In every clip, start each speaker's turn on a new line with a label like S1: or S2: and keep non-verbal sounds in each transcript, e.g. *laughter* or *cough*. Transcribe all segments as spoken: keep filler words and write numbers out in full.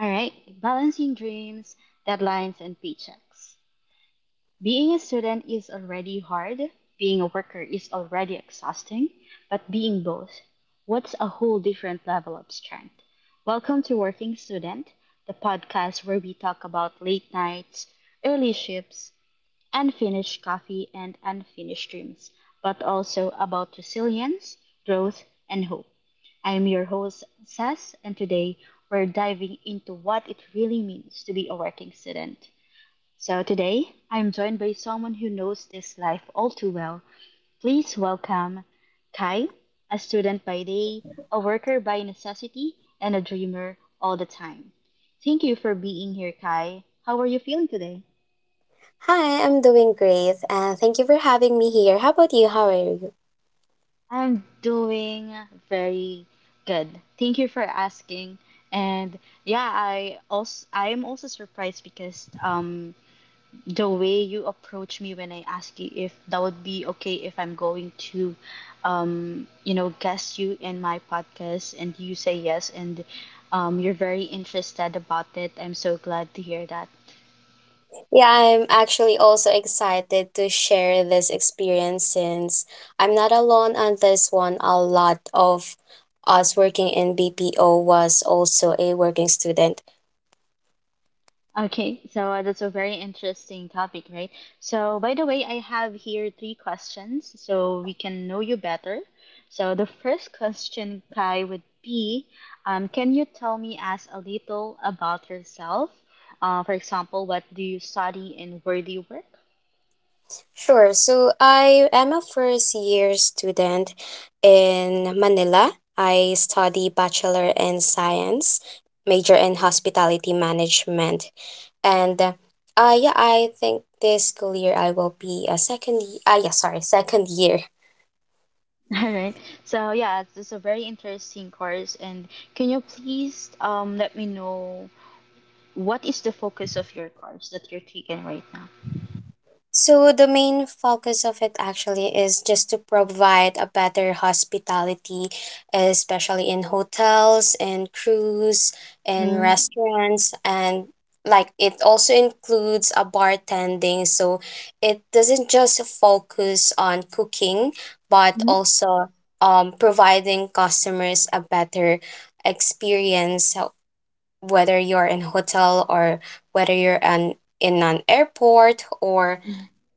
S1: All right, balancing dreams, deadlines, and paychecks. Being a student is already hard, being a worker is already exhausting, but being both, what's a whole different level of strength? Welcome to Working Student, the podcast where we talk about late nights, early shifts, unfinished coffee, and unfinished dreams, but also about resilience, growth, and hope. I am your host, Sas, and today we're diving into what it really means to be a working student. So, today I'm joined by someone who knows this life all too well. Please welcome Kai, a student by day, a worker by necessity, and a dreamer all the time. Thank you for being here, Kai. How are you feeling today?
S2: Hi, I'm doing great, and thank you for having me here. How about you? How are you?
S1: I'm doing very good. Thank you for asking. And yeah, I also I am also surprised because um the way you approach me when I ask you if that would be okay if I'm going to um you know guest you in my podcast and you say yes, and um you're very interested about it. I'm so glad to hear that.
S2: Yeah, I'm actually also excited to share this experience since I'm not alone on this one. A lot of us working in B P O was also a working student.
S1: Okay, so uh, that's a very interesting topic, right? So, by the way, I have here three questions so we can know you better. So, the first question, Kai, would be um, can you tell me as a little about yourself? Uh, for example, what do you study in where do you work?
S2: Sure, so I am a first year student in Manila. I study Bachelor in Science, major in Hospitality Management. and uh, uh yeah, I think this school year I will be a second y- uh yeah sorry second year.
S1: *laughs* All right. So, yeah, this is a very interesting course. And can you please um, let me know what is the focus of your course that you're taking right now?
S2: So the main focus of it actually is just to provide a better hospitality, especially in hotels and cruise and restaurants, and like it also includes a bartending, so it doesn't just focus on cooking but
S1: Mm-hmm.
S2: also um providing customers a better experience. So whether you're in hotel or whether you're an in an airport or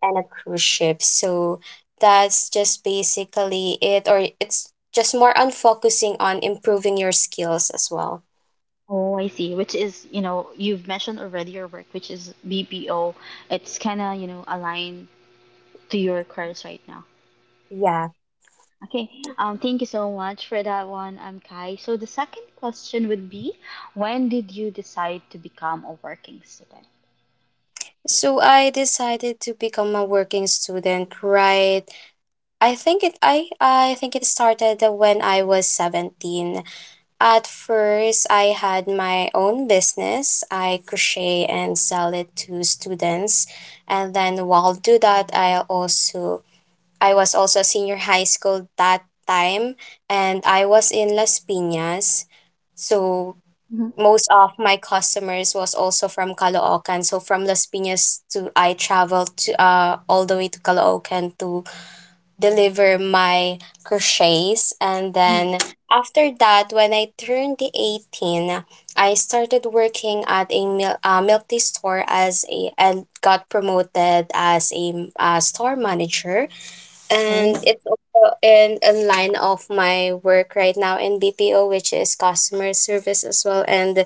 S2: and a cruise ship. So that's just basically it, or it's just more on focusing on improving your skills as well.
S1: Oh, I see. Which is, you know, you've mentioned already your work, which is B P O. It's kind of, you know, aligned to your course right now.
S2: Yeah.
S1: Okay. Um, thank you so much for that one, um, Kai. So the second question would be, when did you decide to become a working student?
S2: So I decided to become a working student, right? I think it I I think it started when I was seventeen. At first, I had my own business. I crochet and sell it to students. And then while do that, I also I was also senior high school that time, and I was in Las Piñas. So
S1: hmm
S2: most of my customers was also from Caloocan. So from Las Piñas, to I traveled to uh all the way to Caloocan to deliver my crochets. And
S1: Mm.
S2: then after that, when I turned the eighteen, I started working at a mil- uh, milk tea store as a and got promoted as a uh, store manager. And
S1: Oh,
S2: it's also in, in line of my work right now in B P O, which is customer service as well. And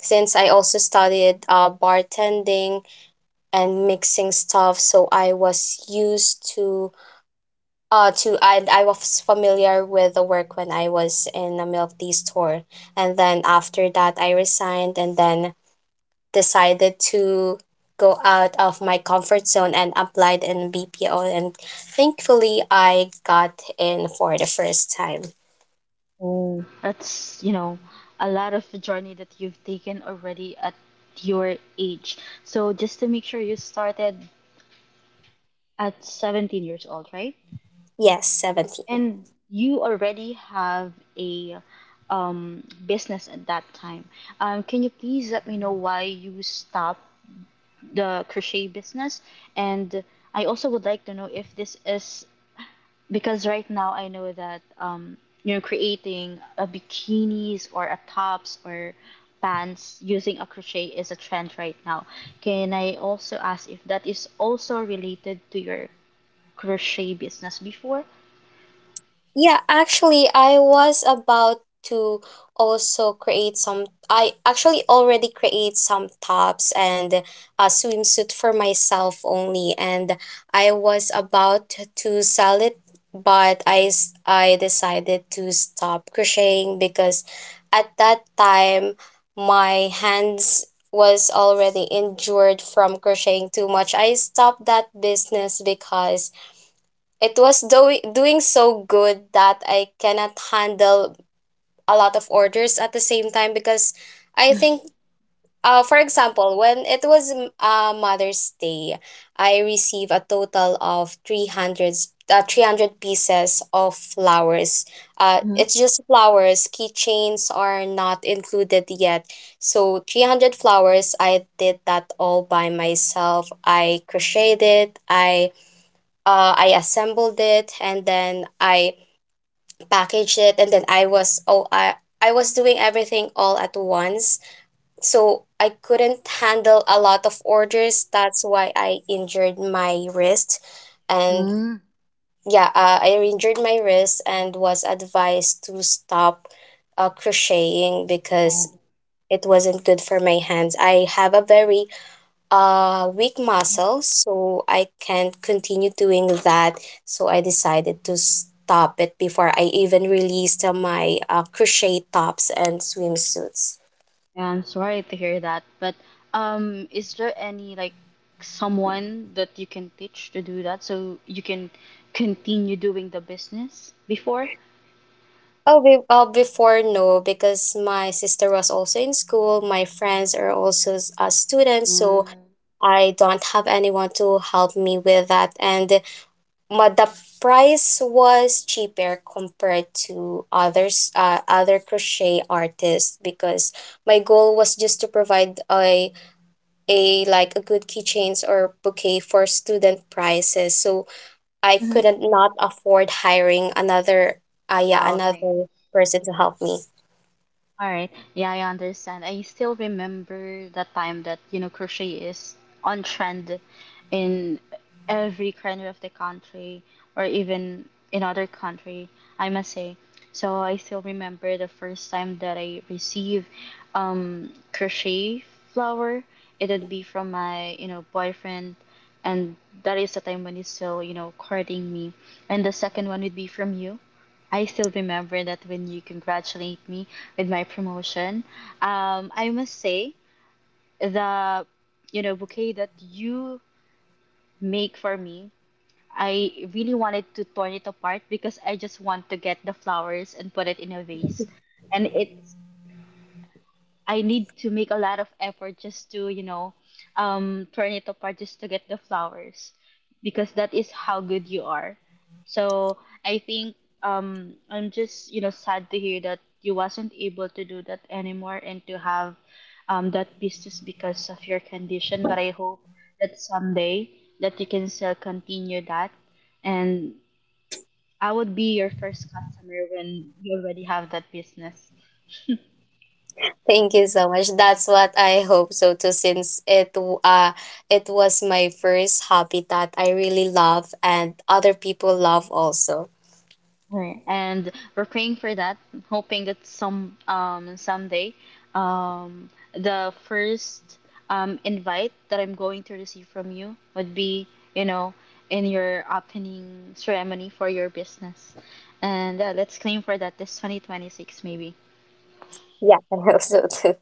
S2: since I also studied uh, bartending and mixing stuff, so I was used to uh to and I was familiar with the work when I was in a milk tea store. And then after that I resigned, and then decided to go out of my comfort zone and applied in B P O, and thankfully I got in for the first time.
S1: oh, that's, you know, a lot of the journey that you've taken already at your age. So just to make sure, you started at seventeen years old, right?
S2: Yes, seventeen.
S1: And you already have a um, business at that time. Um, can you please let me know why you stopped the crochet business? And I also would like to know if this is because right now I know that um, you know creating a bikinis or a tops or pants using a crochet is a trend right now. Can I also ask if that is also related to your crochet business before?
S2: Yeah, actually, I was about to also create some. I actually already create some tops and a swimsuit for myself only, and I was about to sell it, but I s- I decided to stop crocheting because at that time my hands was already injured from crocheting too much. I stopped that business because it was do- doing so good that I cannot handle a lot of orders at the same time because I think, uh, for example, when it was m- uh, Mother's Day, I received a total of three hundred, uh, three hundred pieces of flowers. Uh, it's just flowers, keychains are not included yet. So three hundred flowers, I did that all by myself. I crocheted, I uh, I assembled it, and then I packaged it, and then I was oh I I was doing everything all at once. So I couldn't handle a lot of orders. That's why I injured my wrist, and
S1: Mm-hmm.
S2: yeah, uh, I injured my wrist and was advised to stop uh, crocheting because
S1: Oh,
S2: it wasn't good for my hands. I have a very uh weak muscles, so I can't continue doing that. So I decided to stop it before I even released uh, my uh, crochet tops and swimsuits.
S1: yeah, I'm sorry to hear that. But um, is there any like someone that you can teach to do that so you can continue doing the business before?
S2: Oh, be- uh, before, no, because my sister was also in school, my friends are also s- uh, students, so
S1: Mm-hmm.
S2: I don't have anyone to help me with that. And but the price was cheaper compared to others uh, other crochet artists, because my goal was just to provide a a like a good keychains or bouquet for student prices, so I couldn't not afford hiring another uh, yeah
S1: Oh, okay.
S2: another person to help me.
S1: All right. Yeah, I understand. I still remember that time that, you know, crochet is on trend in every corner of the country or even in other country, I must say. So I still remember the first time that I received um crochet flower. It'd be from my, you know, boyfriend, and that is the time when he's still, you know, courting me. And the second one would be from you. I still remember that when you congratulate me with my promotion. Um, I must say the you know bouquet that you make for me. I really wanted to torn it apart because I just want to get the flowers and put it in a vase, and it's I need to make a lot of effort just to, you know, um, turn it apart just to get the flowers, because that is how good you are. So I think um, I'm just, you know, sad to hear that you wasn't able to do that anymore and to have um, that business because of your condition. But I hope that someday that you can still continue that, and I would be your first customer when you already have that business. *laughs*
S2: Thank you so much. That's what I hope so too, since it w- uh it was my first hobby that I really love, and other people love also.
S1: Right. And we're praying for that, hoping that some um someday um the first um invite that I'm going to receive from you would be, you know, in your opening ceremony for your business. And uh, let's claim for that this twenty twenty-six maybe.
S2: Yeah, *laughs* I also so too.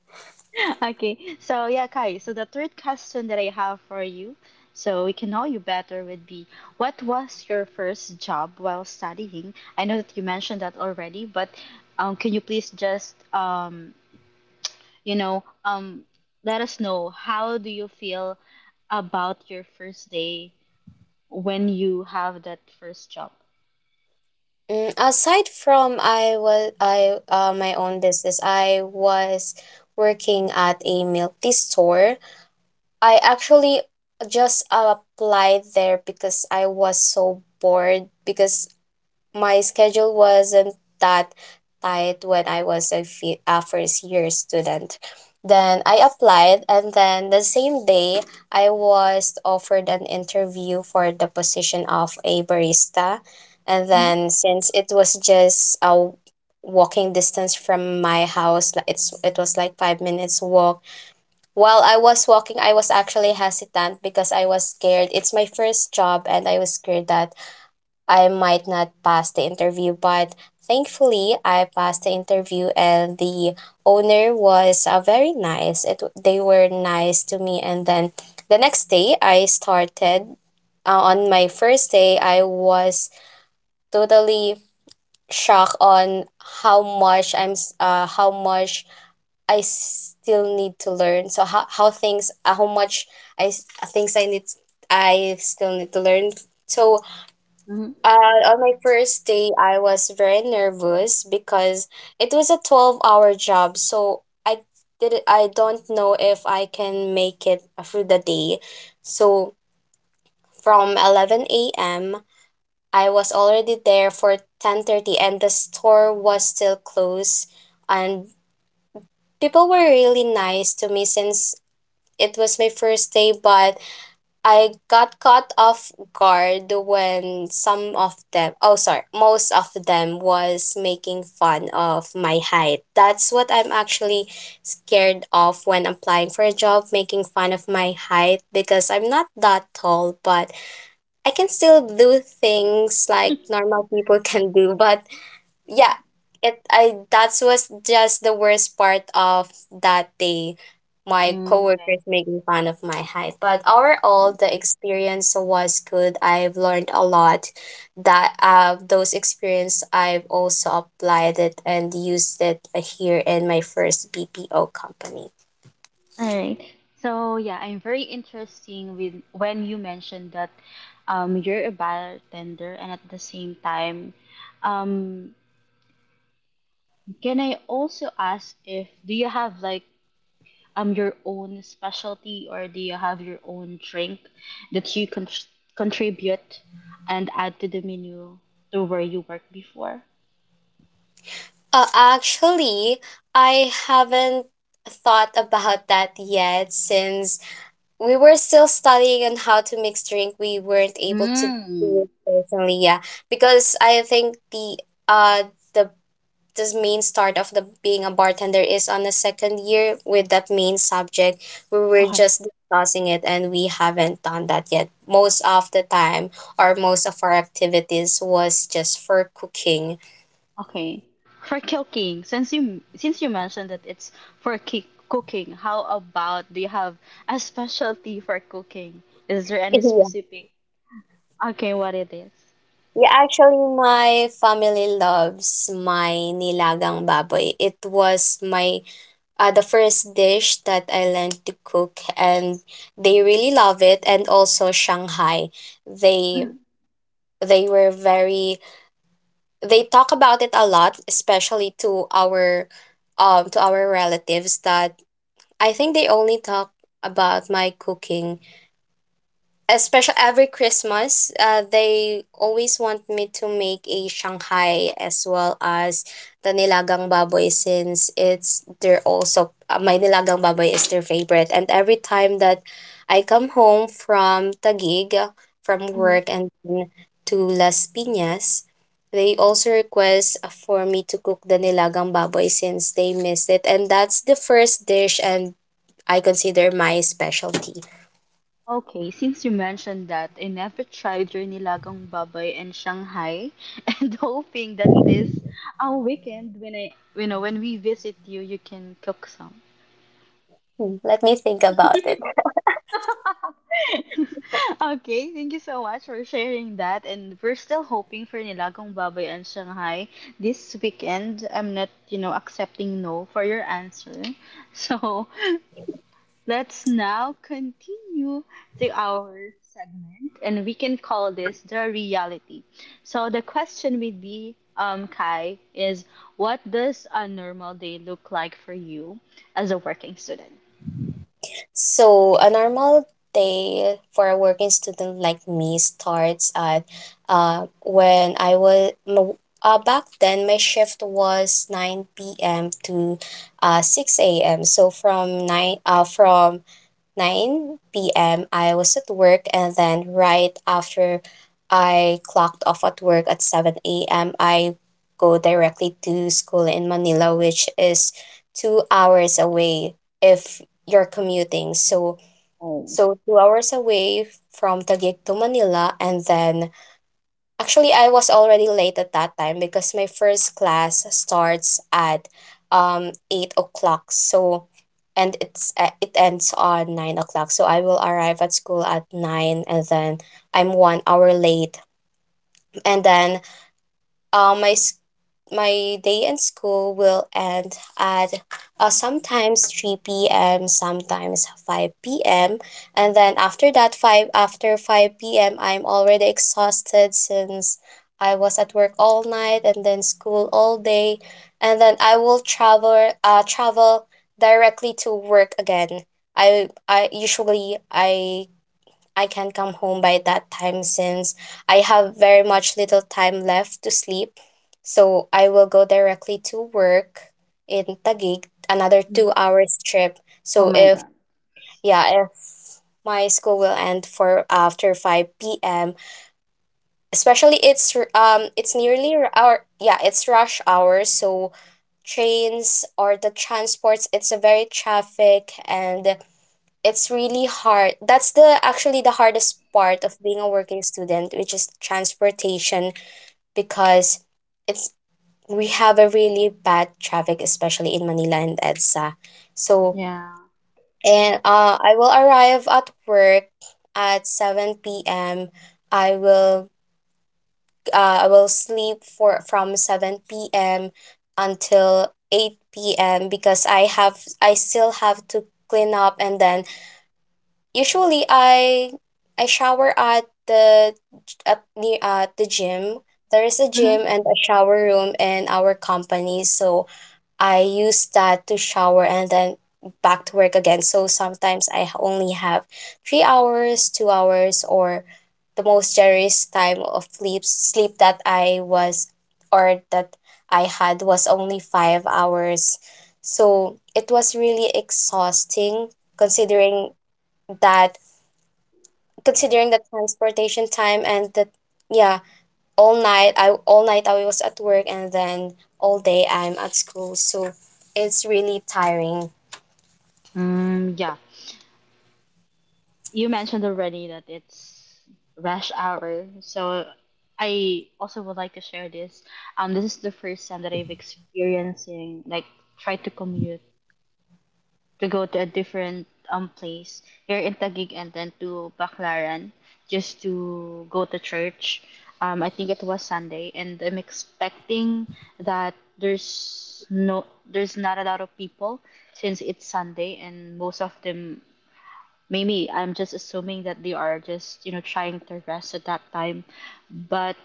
S1: *laughs* Okay, so yeah, Kai, so the third question that I have for you, so we can know you better, would be what was your first job while studying? I know that you mentioned that already, but um, can you please just um, you know, um, let us know how do you feel about your first day when you have that first job?
S2: Mm, aside from I was I uh, my own business, I was working at a milk tea store. I actually just applied there because I was so bored because my schedule wasn't that tight when I was a, fi- a first year student. Then I applied, and then the same day, I was offered an interview for the position of a barista. And
S1: Mm-hmm.
S2: then, since it was just a walking distance from my house, like it's it was like five minutes walk. While I was walking, I was actually hesitant because I was scared. It's my first job, and I was scared that I might not pass the interview, but thankfully I passed the interview, and the owner was uh, very nice. It They were nice to me. And then the next day I started. Uh, on my first day, I was totally shocked on how much I'm s- uh, how much I still need to learn. So how, how things, uh, how much, I s- things I need I still need to learn. So uh, on my first day, I was very nervous because it was a twelve-hour job, so I did I don't know if I can make it through the day. So from eleven a m, I was already there for ten thirty and the store was still closed, and people were really nice to me since it was my first day. But I got caught off guard when some of them, oh, sorry, most of them was making fun of my height. That's what I'm actually scared of when applying for a job, making fun of my height because I'm not that tall, but I can still do things like
S1: Mm-hmm.
S2: normal people *laughs* can do. But yeah, it I that was just the worst part of that day, my
S1: *laughs* Okay.
S2: coworkers making fun of my height. But overall, the experience was good. I've learned a lot. That uh, those experience I've also applied it and used it here in my first BPO company.
S1: All right. So yeah, I'm very interesting with when you mentioned that um, you're a bartender, and at the same time, um, can I also ask if do you have like um your own specialty or do you have your own drink that you con- contribute and add to the menu to where you worked before?
S2: Uh, actually, I haven't thought *laughs* about that yet since we were still studying on how to mix drink. We weren't able to
S1: Hmm.
S2: do it personally, yeah, because I think the uh the this main start of the being a bartender is on the second year with that main subject. We were
S1: Okay.
S2: just discussing it, and we haven't done that yet. Most of the time, or most of our activities was just for cooking. *laughs*
S1: Okay. For cooking, since you since you mentioned that it's for ki- cooking, how about do you have a specialty for cooking? Is there any
S2: Yeah.
S1: specific? Okay, what it is?
S2: Yeah, actually, my family loves my nilagang baboy. It was my uh, the first dish that I learned to cook, and they really love it. And also Shanghai, they
S1: Mm-hmm.
S2: they were very, they talk about it a lot, especially to our um to our relatives. That I think they only talk about my cooking, especially every Christmas. Uh, they always want me to make a Shanghai as well as the nilagang baboy, since it's they're also uh, my nilagang baboy is their favorite. And every time that I come home from Taguig, uh, from
S1: Mm-hmm.
S2: work, and then to Las Piñas, they also request uh, for me to cook the nilagang baboy since they missed it. And that's the first dish, and I consider my specialty.
S1: Okay, since you mentioned that, I never tried your nilagang baboy in Shanghai, *laughs* and hoping that this uh, weekend when I you know when we visit you, you can cook some.
S2: Hmm. Let me think about it.
S1: *laughs* Okay, thank you so much for sharing that. And we're still hoping for Nilagang Baboy and Shanghai this weekend. I'm not, you know, accepting no for your answer. So *laughs* let's now continue to our segment, and we can call this the reality. So the question would be, um, Kai, is what does a normal day look like for you as a working student?
S2: So a normal day for a working student like me starts at, uh, when I was, no, uh, back then my shift was nine p m to uh, six a m. So from 9 uh, from nine p M. I was at work, and then right after I clocked off at work at seven a M., I go directly to school in Manila, which is two hours away if you're commuting. So
S1: Oh,
S2: so two hours away from Taguig to Manila, and then, actually, I was already late at that time because my first class starts at um eight o'clock. So, and it's uh, it ends on nine o'clock. So I will arrive at school at nine, and then I'm one hour late. And then, uh, my s- my day in school will end at, uh, sometimes three p m, sometimes five p m. And then after that, 5 after five p m, I'm already exhausted since I was at work all night and then school all day. And then I will travel uh travel directly to work again. I I usually, I I can come home by that time since I have very much little time left to sleep. So I will go directly to work in Taguig, another
S1: Mm.
S2: two hours trip.
S1: Oh
S2: So
S1: my
S2: if
S1: God.
S2: yeah, if my school will end for after five p m Especially it's r- um it's nearly r- our yeah it's rush hour, so trains or the transports, it's a very traffic, and it's really hard. That's the actually the hardest part of being a working student, which is transportation, because it's we have a really bad traffic, especially in Manila and EDSA. So
S1: Yeah.
S2: and uh, I will arrive at work at seven p.m. I will uh, I will sleep for from seven p.m. until eight p.m. because i have I still have to clean up. And then usually I I shower at the, at near at the gym. There is a
S1: Mm-hmm.
S2: gym and a shower room in our company, so I use that to shower and then back to work again. So sometimes I only have three hours, two hours, or the most generous time of sleep sleep that I was, or that I had, was only five hours. So it was really exhausting, considering that considering the transportation time and the, yeah, all night i all night I was at work, and then all day I'm at school, so it's really tiring.
S1: Mm, yeah. You mentioned already that it's rush hour, so I also would like to share this. Um, this is the first time that I've experiencing like try to commute to go to a different um place here in Taguig and then to Baclaran just to go to church. Um, I think it was Sunday, and I'm expecting that there's no there's not a lot of people since it's Sunday, and most of them maybe I'm just assuming that they are just you know trying to rest at that time, but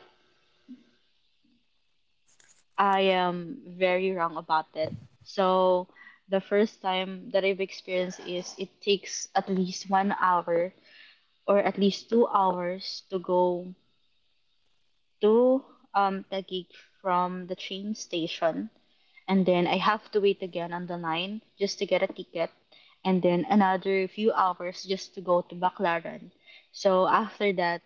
S1: I am very wrong about it. So the first time that I've experienced is it takes at least one hour or at least two hours to go to um Taguig from the train station, and then I have to wait again on the line just to get a ticket, and then another few hours just to go to Baclaran. So after that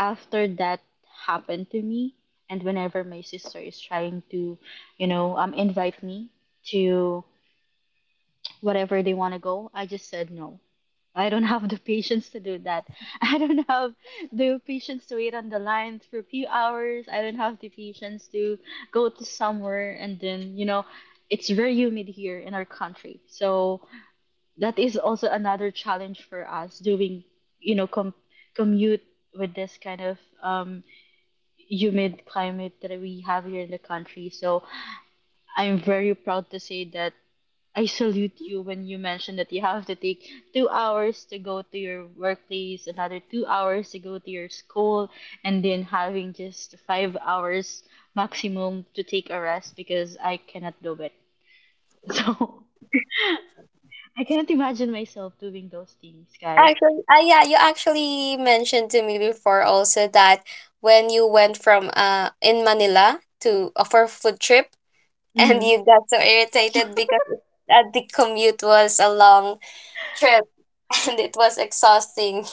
S1: after that happened to me, and whenever my sister is trying to you know um invite me to whatever they want to go, I just said no. I don't *laughs* have the patience to do that. *laughs* I don't have the patience to wait on the line for a few hours. I don't have the patience to go to somewhere, and then you know it's very humid here in our country, so that is also another challenge for us doing you know com- commute with this kind of um humid climate that we have here in the country. So I'm very proud to say that I salute you when you mentioned that you have to take two hours to go to your workplace, another two hours to go to your school, and then having just five hours maximum to take a rest, because I cannot do it. *laughs* So I cannot imagine myself doing those things, guy.
S2: Actually, uh, yeah, you actually mentioned to me before also that when you went from uh in Manila to uh, for a food trip *laughs* and
S1: Mm-hmm.
S2: you got so irritated because it, uh, the commute was a long trip *laughs* and it was exhausting.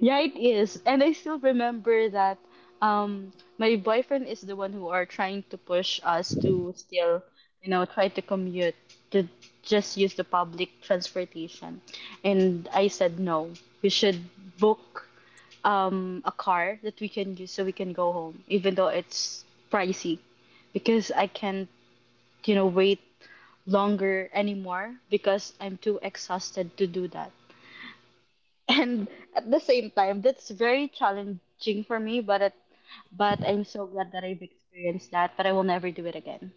S1: Yeah, it is. And I still remember that um my boyfriend is the one who are trying to push us to still, you know, try to commute to just use the public transportation. And I said no. We should book um a car that we can use so we can go home, even though it's pricey. Because I can't, you know, wait longer anymore because I'm too exhausted to do that, and at the same time that's very challenging for me, but it but I'm so glad that I've experienced that, but I will never do it again.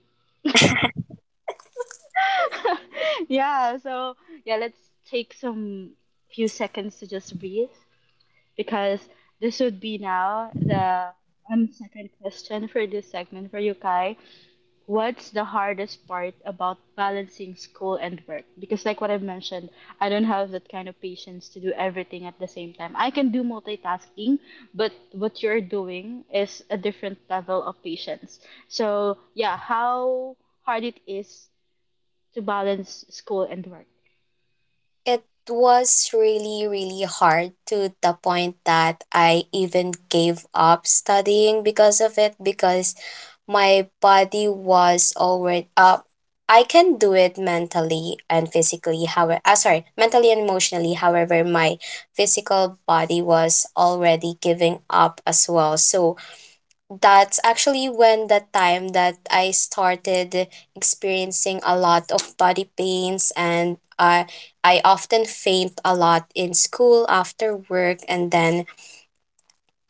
S1: *laughs* Yeah, so yeah, let's take some few seconds to just breathe, because this would be now the um, second question for this segment for you Kai. What's the hardest part about balancing school and work? Because, like what I've mentioned, I don't have that kind of patience to do everything at the same time. I can do multitasking, but what you're doing is a different level of patience. So, yeah, how hard it is to balance school and work.
S2: It was really, really hard, to the point that I even gave up studying because of it, because my body was already up. I can do it mentally and physically. However, uh, sorry, mentally and emotionally. However, my physical body was already giving up as well. So that's actually when the time that I started experiencing a lot of body pains, and I I often faint a lot in school after work. And then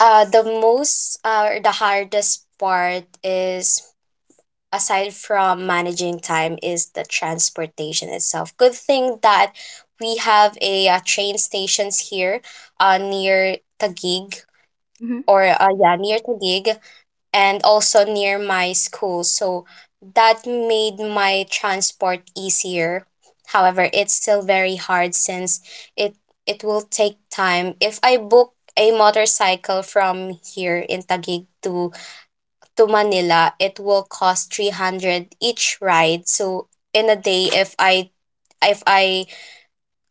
S2: uh the most uh or the hardest part is, aside from managing time, is the transportation itself. Good thing that we have a, uh train stations here uh near Taguig, or
S1: Mm-hmm.
S2: uh, yeah, near Taguig, and also near my school. So that made my transport easier. However, it's still very hard, since it it will take time. If I book a motorcycle from here in Taguig to to Manila, it will cost three hundred each ride. So in a day, if I if I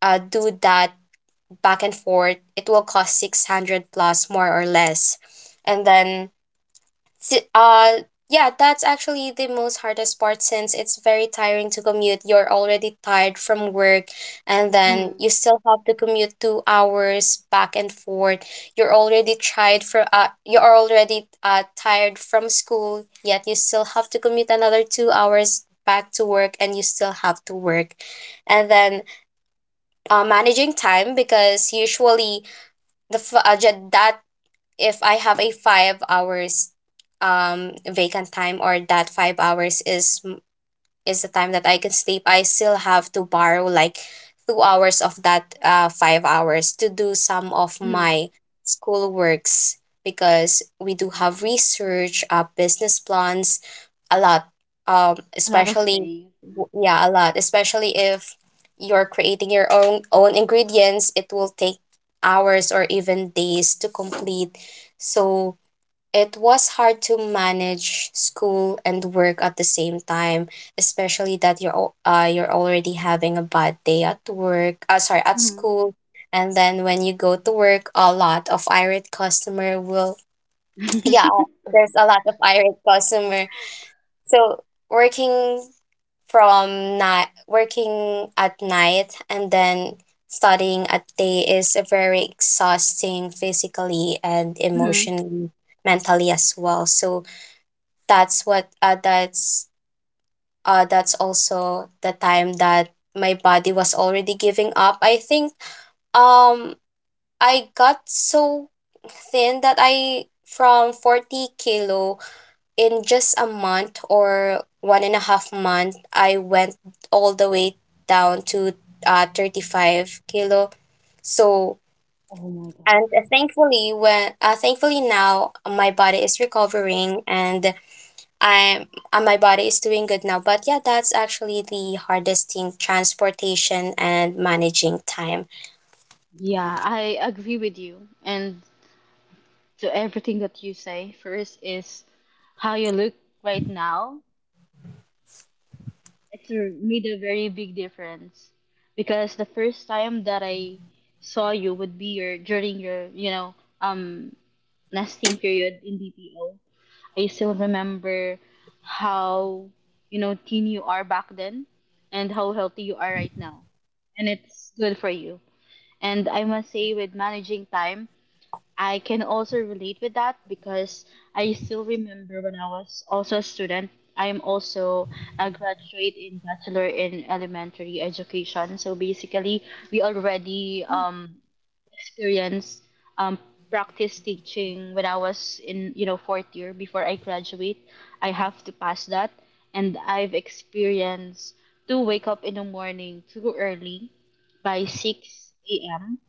S2: uh, do that back and forth, it will cost six hundred plus, more or less. And then S- Uh, yeah, that's actually the most hardest part, since it's very tiring to commute. You're already tired from work, and then
S1: Mm-hmm.
S2: you still have to commute two hours back and forth. You're already tired for uh, you're already uh tired from school, yet you still have to commute another two hours back to work, and you still have to work. And then uh, managing time, because usually the f- uh, ju- that if I have a five hours um vacant time, or that five hours is is the time that I can sleep, I still have to borrow like two hours of that uh five hours to do some of
S1: Mm-hmm.
S2: my school works, because we do have research, uh business plans, a lot, um,
S1: A lot of
S2: especially
S1: things.
S2: w- yeah, a lot, especially if you're creating your own own ingredients, it will take hours or even days to complete. So it was hard to manage school and work at the same time, especially that you're al- uh, you're already having a bad day at work, uh, sorry, at
S1: Mm-hmm.
S2: school, and then when you go to work, a lot of irate customer will, yeah, there's a lot of irate customer. So working from night, working at night and then studying at day is a very exhausting, physically and
S1: *laughs* mm-hmm.
S2: emotionally, mentally as well. So that's what uh, that's uh, that's also the time that my body was already giving up. I think, um, I got so thin that I from forty kilo, in just a month or one and a half month, I went all the way down to uh, thirty-five kilo. So,
S1: Oh my God.
S2: and uh, thankfully, when uh, thankfully now, uh, my body is recovering, and I uh, my body is doing good now. But yeah, that's actually the hardest thing: transportation and managing time.
S1: Yeah, I agree with you. And to everything that you say. First is how you look right now. It's made a very big difference because the first time that I saw you would be your during your you know um nesting period in B P O. I still remember how you know thin you are back then and how healthy you are right now, and it's good for you. And I must say, with managing time, I can also relate with that because I still remember when I was also a student. I am also a graduate in bachelor in elementary education. So basically, we already um experience um practice teaching when I was in you know fourth year before I graduate. I have to pass that, and I've experienced to wake up in the morning too early by six a m.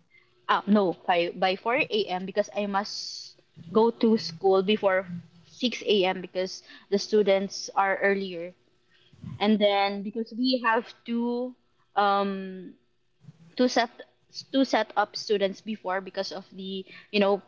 S1: Ah, no, five, by four a m because I must go to school before six a m because the students are earlier. And then because we have to um two set two set up students before because of the you know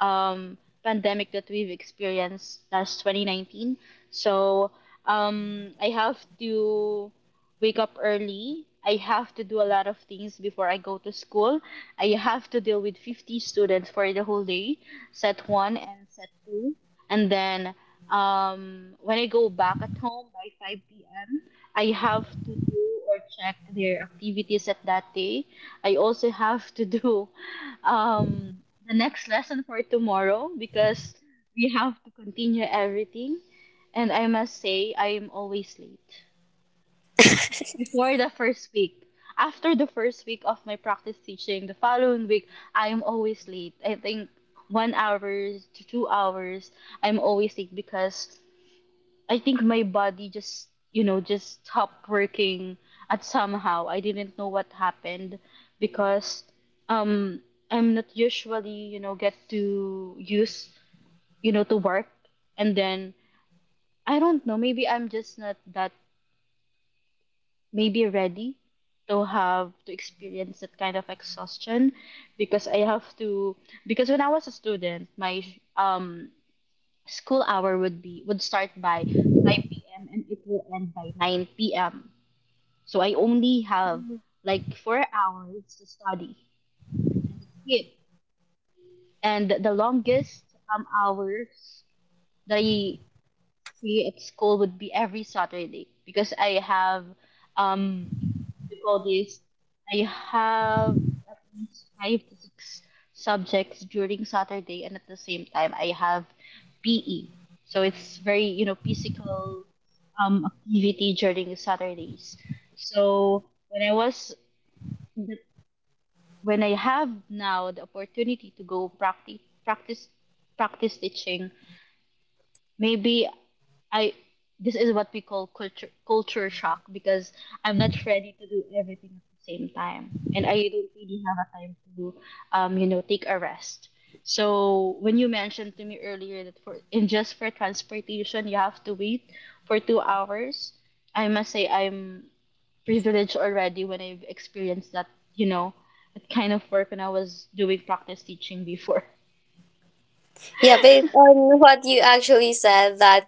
S1: um, pandemic that we've experienced last twenty nineteen. So um, I have to wake up early. I have to do a lot of things before I go to school. I have to deal with fifty students for the whole day, set one and set two. And then um, when I go back at home by five p.m. I have to do or check their activities at that day. I also have to do um, the next lesson for tomorrow because we have to continue everything. And I must say, I'm always late. Before the first week, after the first week of my practice teaching, the following week, I'm always late. I think one hour to two hours, I'm always late because I think my body just, you know, just stopped working at somehow. I didn't know what happened because um I'm not usually, you know, get to use, you know, to work. And then I don't know, maybe I'm just not that maybe ready to have to experience that kind of exhaustion because I have to. Because when I was a student, my um school hour would be would start by five p m and it will end by nine p m. So I only have like four hours to study, and that's it. And the longest um hours that I see at school would be every Saturday because I have um what do you call this? I have at least five to six subjects during Saturday, and at the same time I have P E. So it's very, you know, physical um activity during Saturdays. So when I was when I have now the opportunity to go practice practice practice teaching, maybe I this is what we call culture culture shock because I'm not ready to do everything at the same time, and I don't really have a time to um you know take a rest. So when you mentioned to me earlier that for in just for transportation you have to wait for two hours, I must say I'm privileged already when I've experienced that, you know, that kind of work when I was doing practice teaching before. *laughs*
S2: Yeah, based on *laughs* what you actually said, that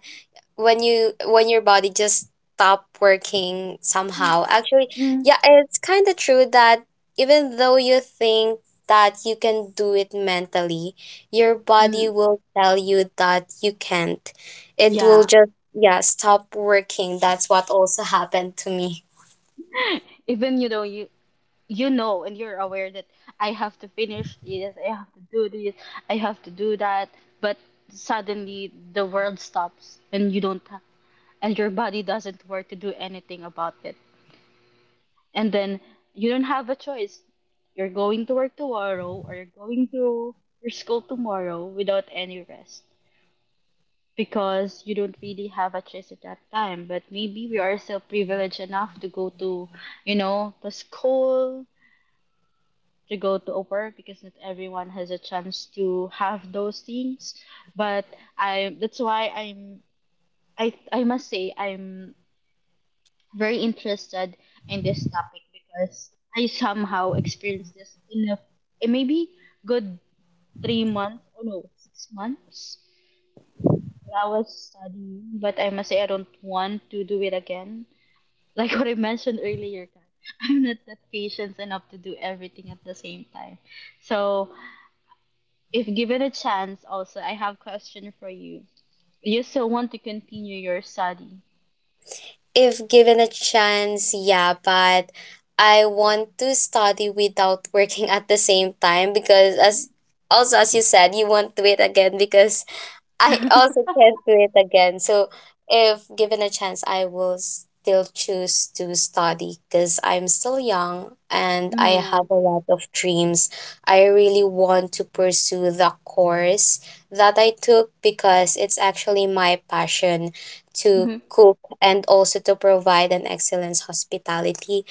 S2: when you when your body just stop working somehow, actually,
S1: Mm.
S2: yeah, it's kind of true that even though you think that you can do it mentally, your body
S1: Mm.
S2: will tell you that you can't. It will
S1: Yeah,
S2: just, yeah, stop working. That's what also happened to me.
S1: *laughs* even you know you you know and you're aware that I have to finish this, I have to do this, I have to do that, but suddenly the world stops and you don't ha- and your body doesn't work to do anything about it. And then you don't have a choice. You're going to work tomorrow or you're going to your school tomorrow without any rest because you don't really have a choice at that time. But maybe we are still privileged enough to go to, you know, the school, to go to over because not everyone has a chance to have those things. But I that's why I'm i i must say I'm very interested in this topic because I somehow experienced this in a eh, maybe good three months or no six months when I was studying. But I must say I don't want to do it again. *laughs* Like what I mentioned earlier, Kat, *laughs* I'm not that patient enough to do everything at the same time. So if given a chance, also, I have question for you. Do you still want to continue your study?
S2: If given a chance, yeah, but I want to study without working at the same time, because as, also as you said, you won't do it again, because
S1: *laughs*
S2: I
S1: Mm-hmm.
S2: also can't do it again. So if given a chance, I will still choose to study because I'm still young and I have a lot of dreams. I really want to pursue the course that I took because it's actually my passion to
S1: Mm-hmm.
S2: cook, and also to provide an excellence hospitality,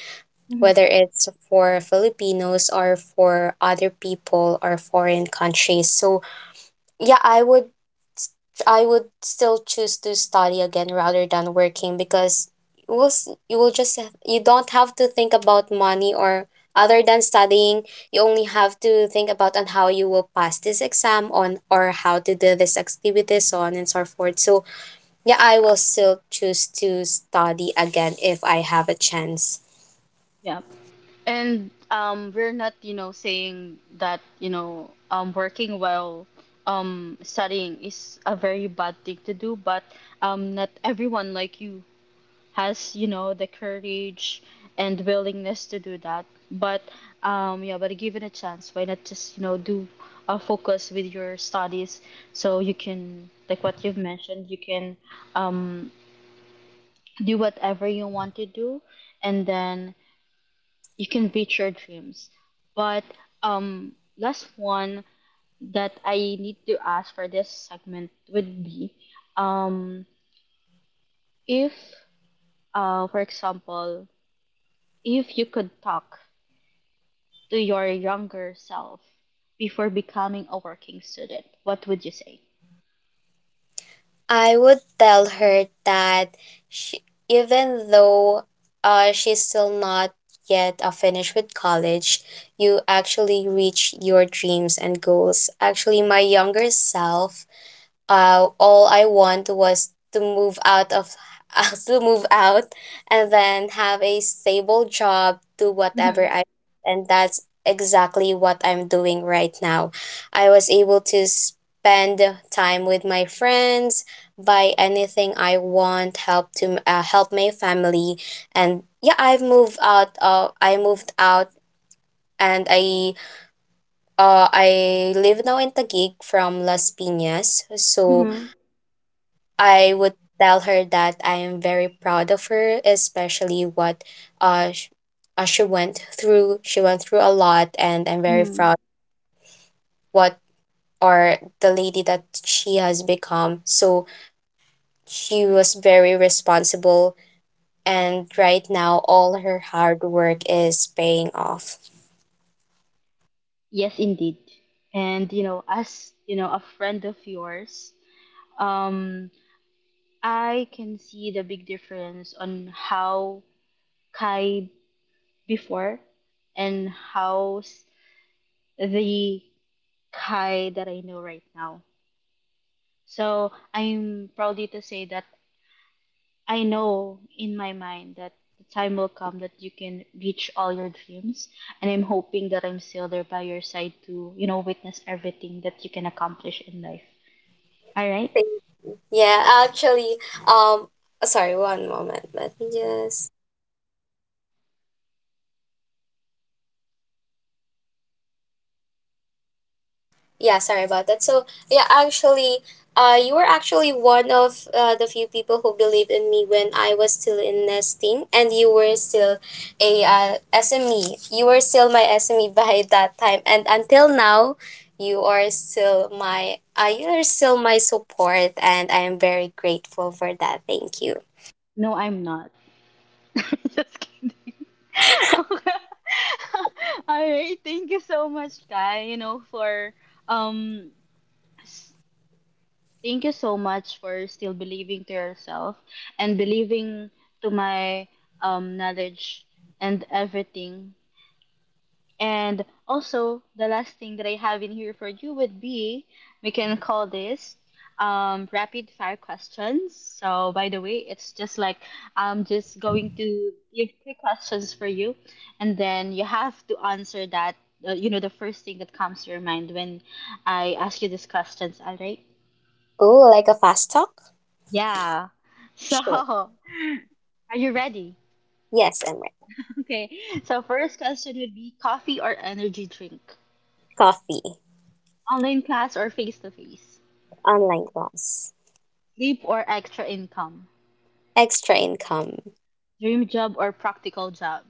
S1: Mm-hmm.
S2: whether it's for Filipinos or for other people or foreign countries. So yeah, I would, I would still choose to study again rather than working, because you will s- you will just have, you don't have to think about money or other than studying. You only have to think about on how you will pass this exam, on or how to do this activity, so on and so forth. So yeah, I will still choose to study again if I have a chance.
S1: Yeah. And um, we're not, you know, saying that, you know, um, working while um, studying is a very bad thing to do, but um, not everyone like you has, you know, the courage and willingness to do that. But um yeah, but give it a chance. Why not just, you know, do a focus with your studies so you can, like what you've mentioned, you can um do whatever you want to do, and then you can reach your dreams. But um last one that I need to ask for this segment would be um if uh for example, if you could talk to your younger self before becoming a working student, what would you say?
S2: I would tell her that she, even though uh, she's still not yet uh, finished with college, you actually reach your dreams and goals. Actually, my younger self, uh, all I want was to move out of *laughs* to move out and then have a stable job, do whatever
S1: Mm-hmm.
S2: I, and that's exactly what I'm doing right now. I was able to spend time with my friends, buy anything I want, help to uh, help my family. And yeah, I've moved out, uh, I moved out, and I uh I live now in Taguig, from Las Piñas. So
S1: Mm-hmm.
S2: I would tell her that I am very proud of her, especially what uh, sh- uh she went through. She went through a lot, and I'm very
S1: Mm-hmm.
S2: proud what, or the lady that she has become. So she was very responsible, and right now all her hard work is paying off.
S1: Yes, indeed. And you know, as you know, a friend of yours, um, I can see the big difference on how Kai before and how s- the Kai that I know right now. So I'm proudly to say that I know in my mind that the time will come that you can reach all your dreams. And I'm hoping that I'm still there by your side to, you know, witness everything that you can accomplish in life. All right?
S2: Thank- Yeah, actually, um, sorry, one moment. Let me just. Yeah, sorry about that. So yeah, actually, uh, you were actually one of uh, the few people who believed in me when I was still in nesting, and you were still a, uh, S M E. You were still my S M E *laughs* by that time, and until now, you are still my uh, you are still my support, and I am very grateful for that. Thank you.
S1: No, I'm not. *laughs* Just kidding. *laughs* All right. Thank you so much, Kai, you know, for, um, s- thank you so much for still believing to yourself and believing to my, um, knowledge and everything. And also, the last thing that I have in here for you would be we can call this um, rapid fire questions. So, by the way, it's just like I'm just going to give three questions for you, and then you have to answer that. Uh, you know, the first thing that comes to your mind when I ask you these questions, all right?
S2: Oh, like a fast talk?
S1: Yeah. So, *laughs*
S2: Sure.
S1: are you ready? *laughs*
S2: Yes, I'm right.
S1: Okay. So, first question would be coffee or energy drink?
S2: Coffee,
S1: Online class or face to face?
S2: online class,
S1: Sleep or extra income?
S2: extra income,
S1: Dream job or practical job?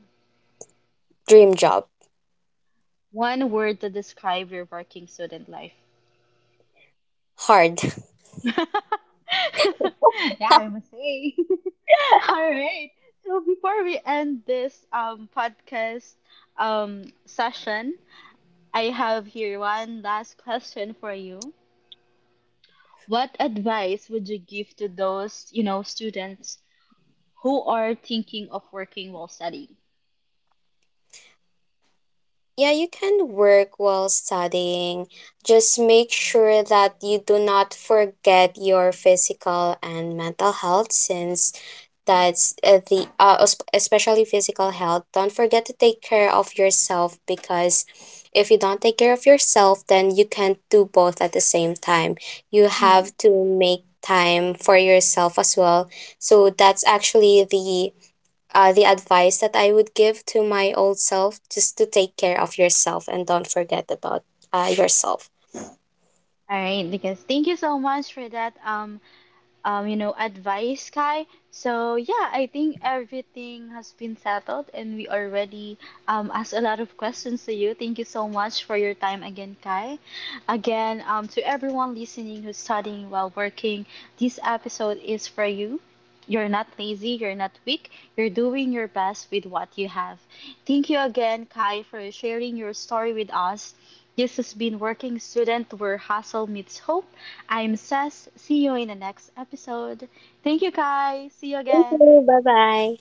S2: dream job,
S1: One word to describe your working student life.
S2: hard.
S1: *laughs* Yeah,
S2: *laughs*
S1: I must say. *laughs* All right. So before we end this um podcast um session, I have here one last question for you. What advice would you give to those, you know, students who are thinking of working while studying?
S2: Yeah, you can work while studying. Just make sure that you do not forget your physical and mental health, since that's uh, the uh, es- especially physical health. Don't forget to take care of yourself, because if you don't take care of yourself, then you can't do both at the same time. You
S1: Hmm.
S2: have to make time for yourself as well. So that's actually the, uh, the advice that I would give to my old self, just to take care of yourself and don't forget about uh, yourself.
S1: All right, because thank you so much for that, um, um, you know, advice, Kai. So yeah, I think everything has been settled, and we already um, asked a lot of questions to you. Thank you so much for your time again, Kai. Again, um, to everyone listening who's studying while working, this episode is for you. You're not lazy, you're not weak, you're doing your best with what you have. Thank you again, Kai, for sharing your story with us. This has been Working Student, where Hustle Meets Hope. I'm Sess. See you in the next episode. Thank you, Kai. See you
S2: Thank
S1: again.
S2: you. Bye bye.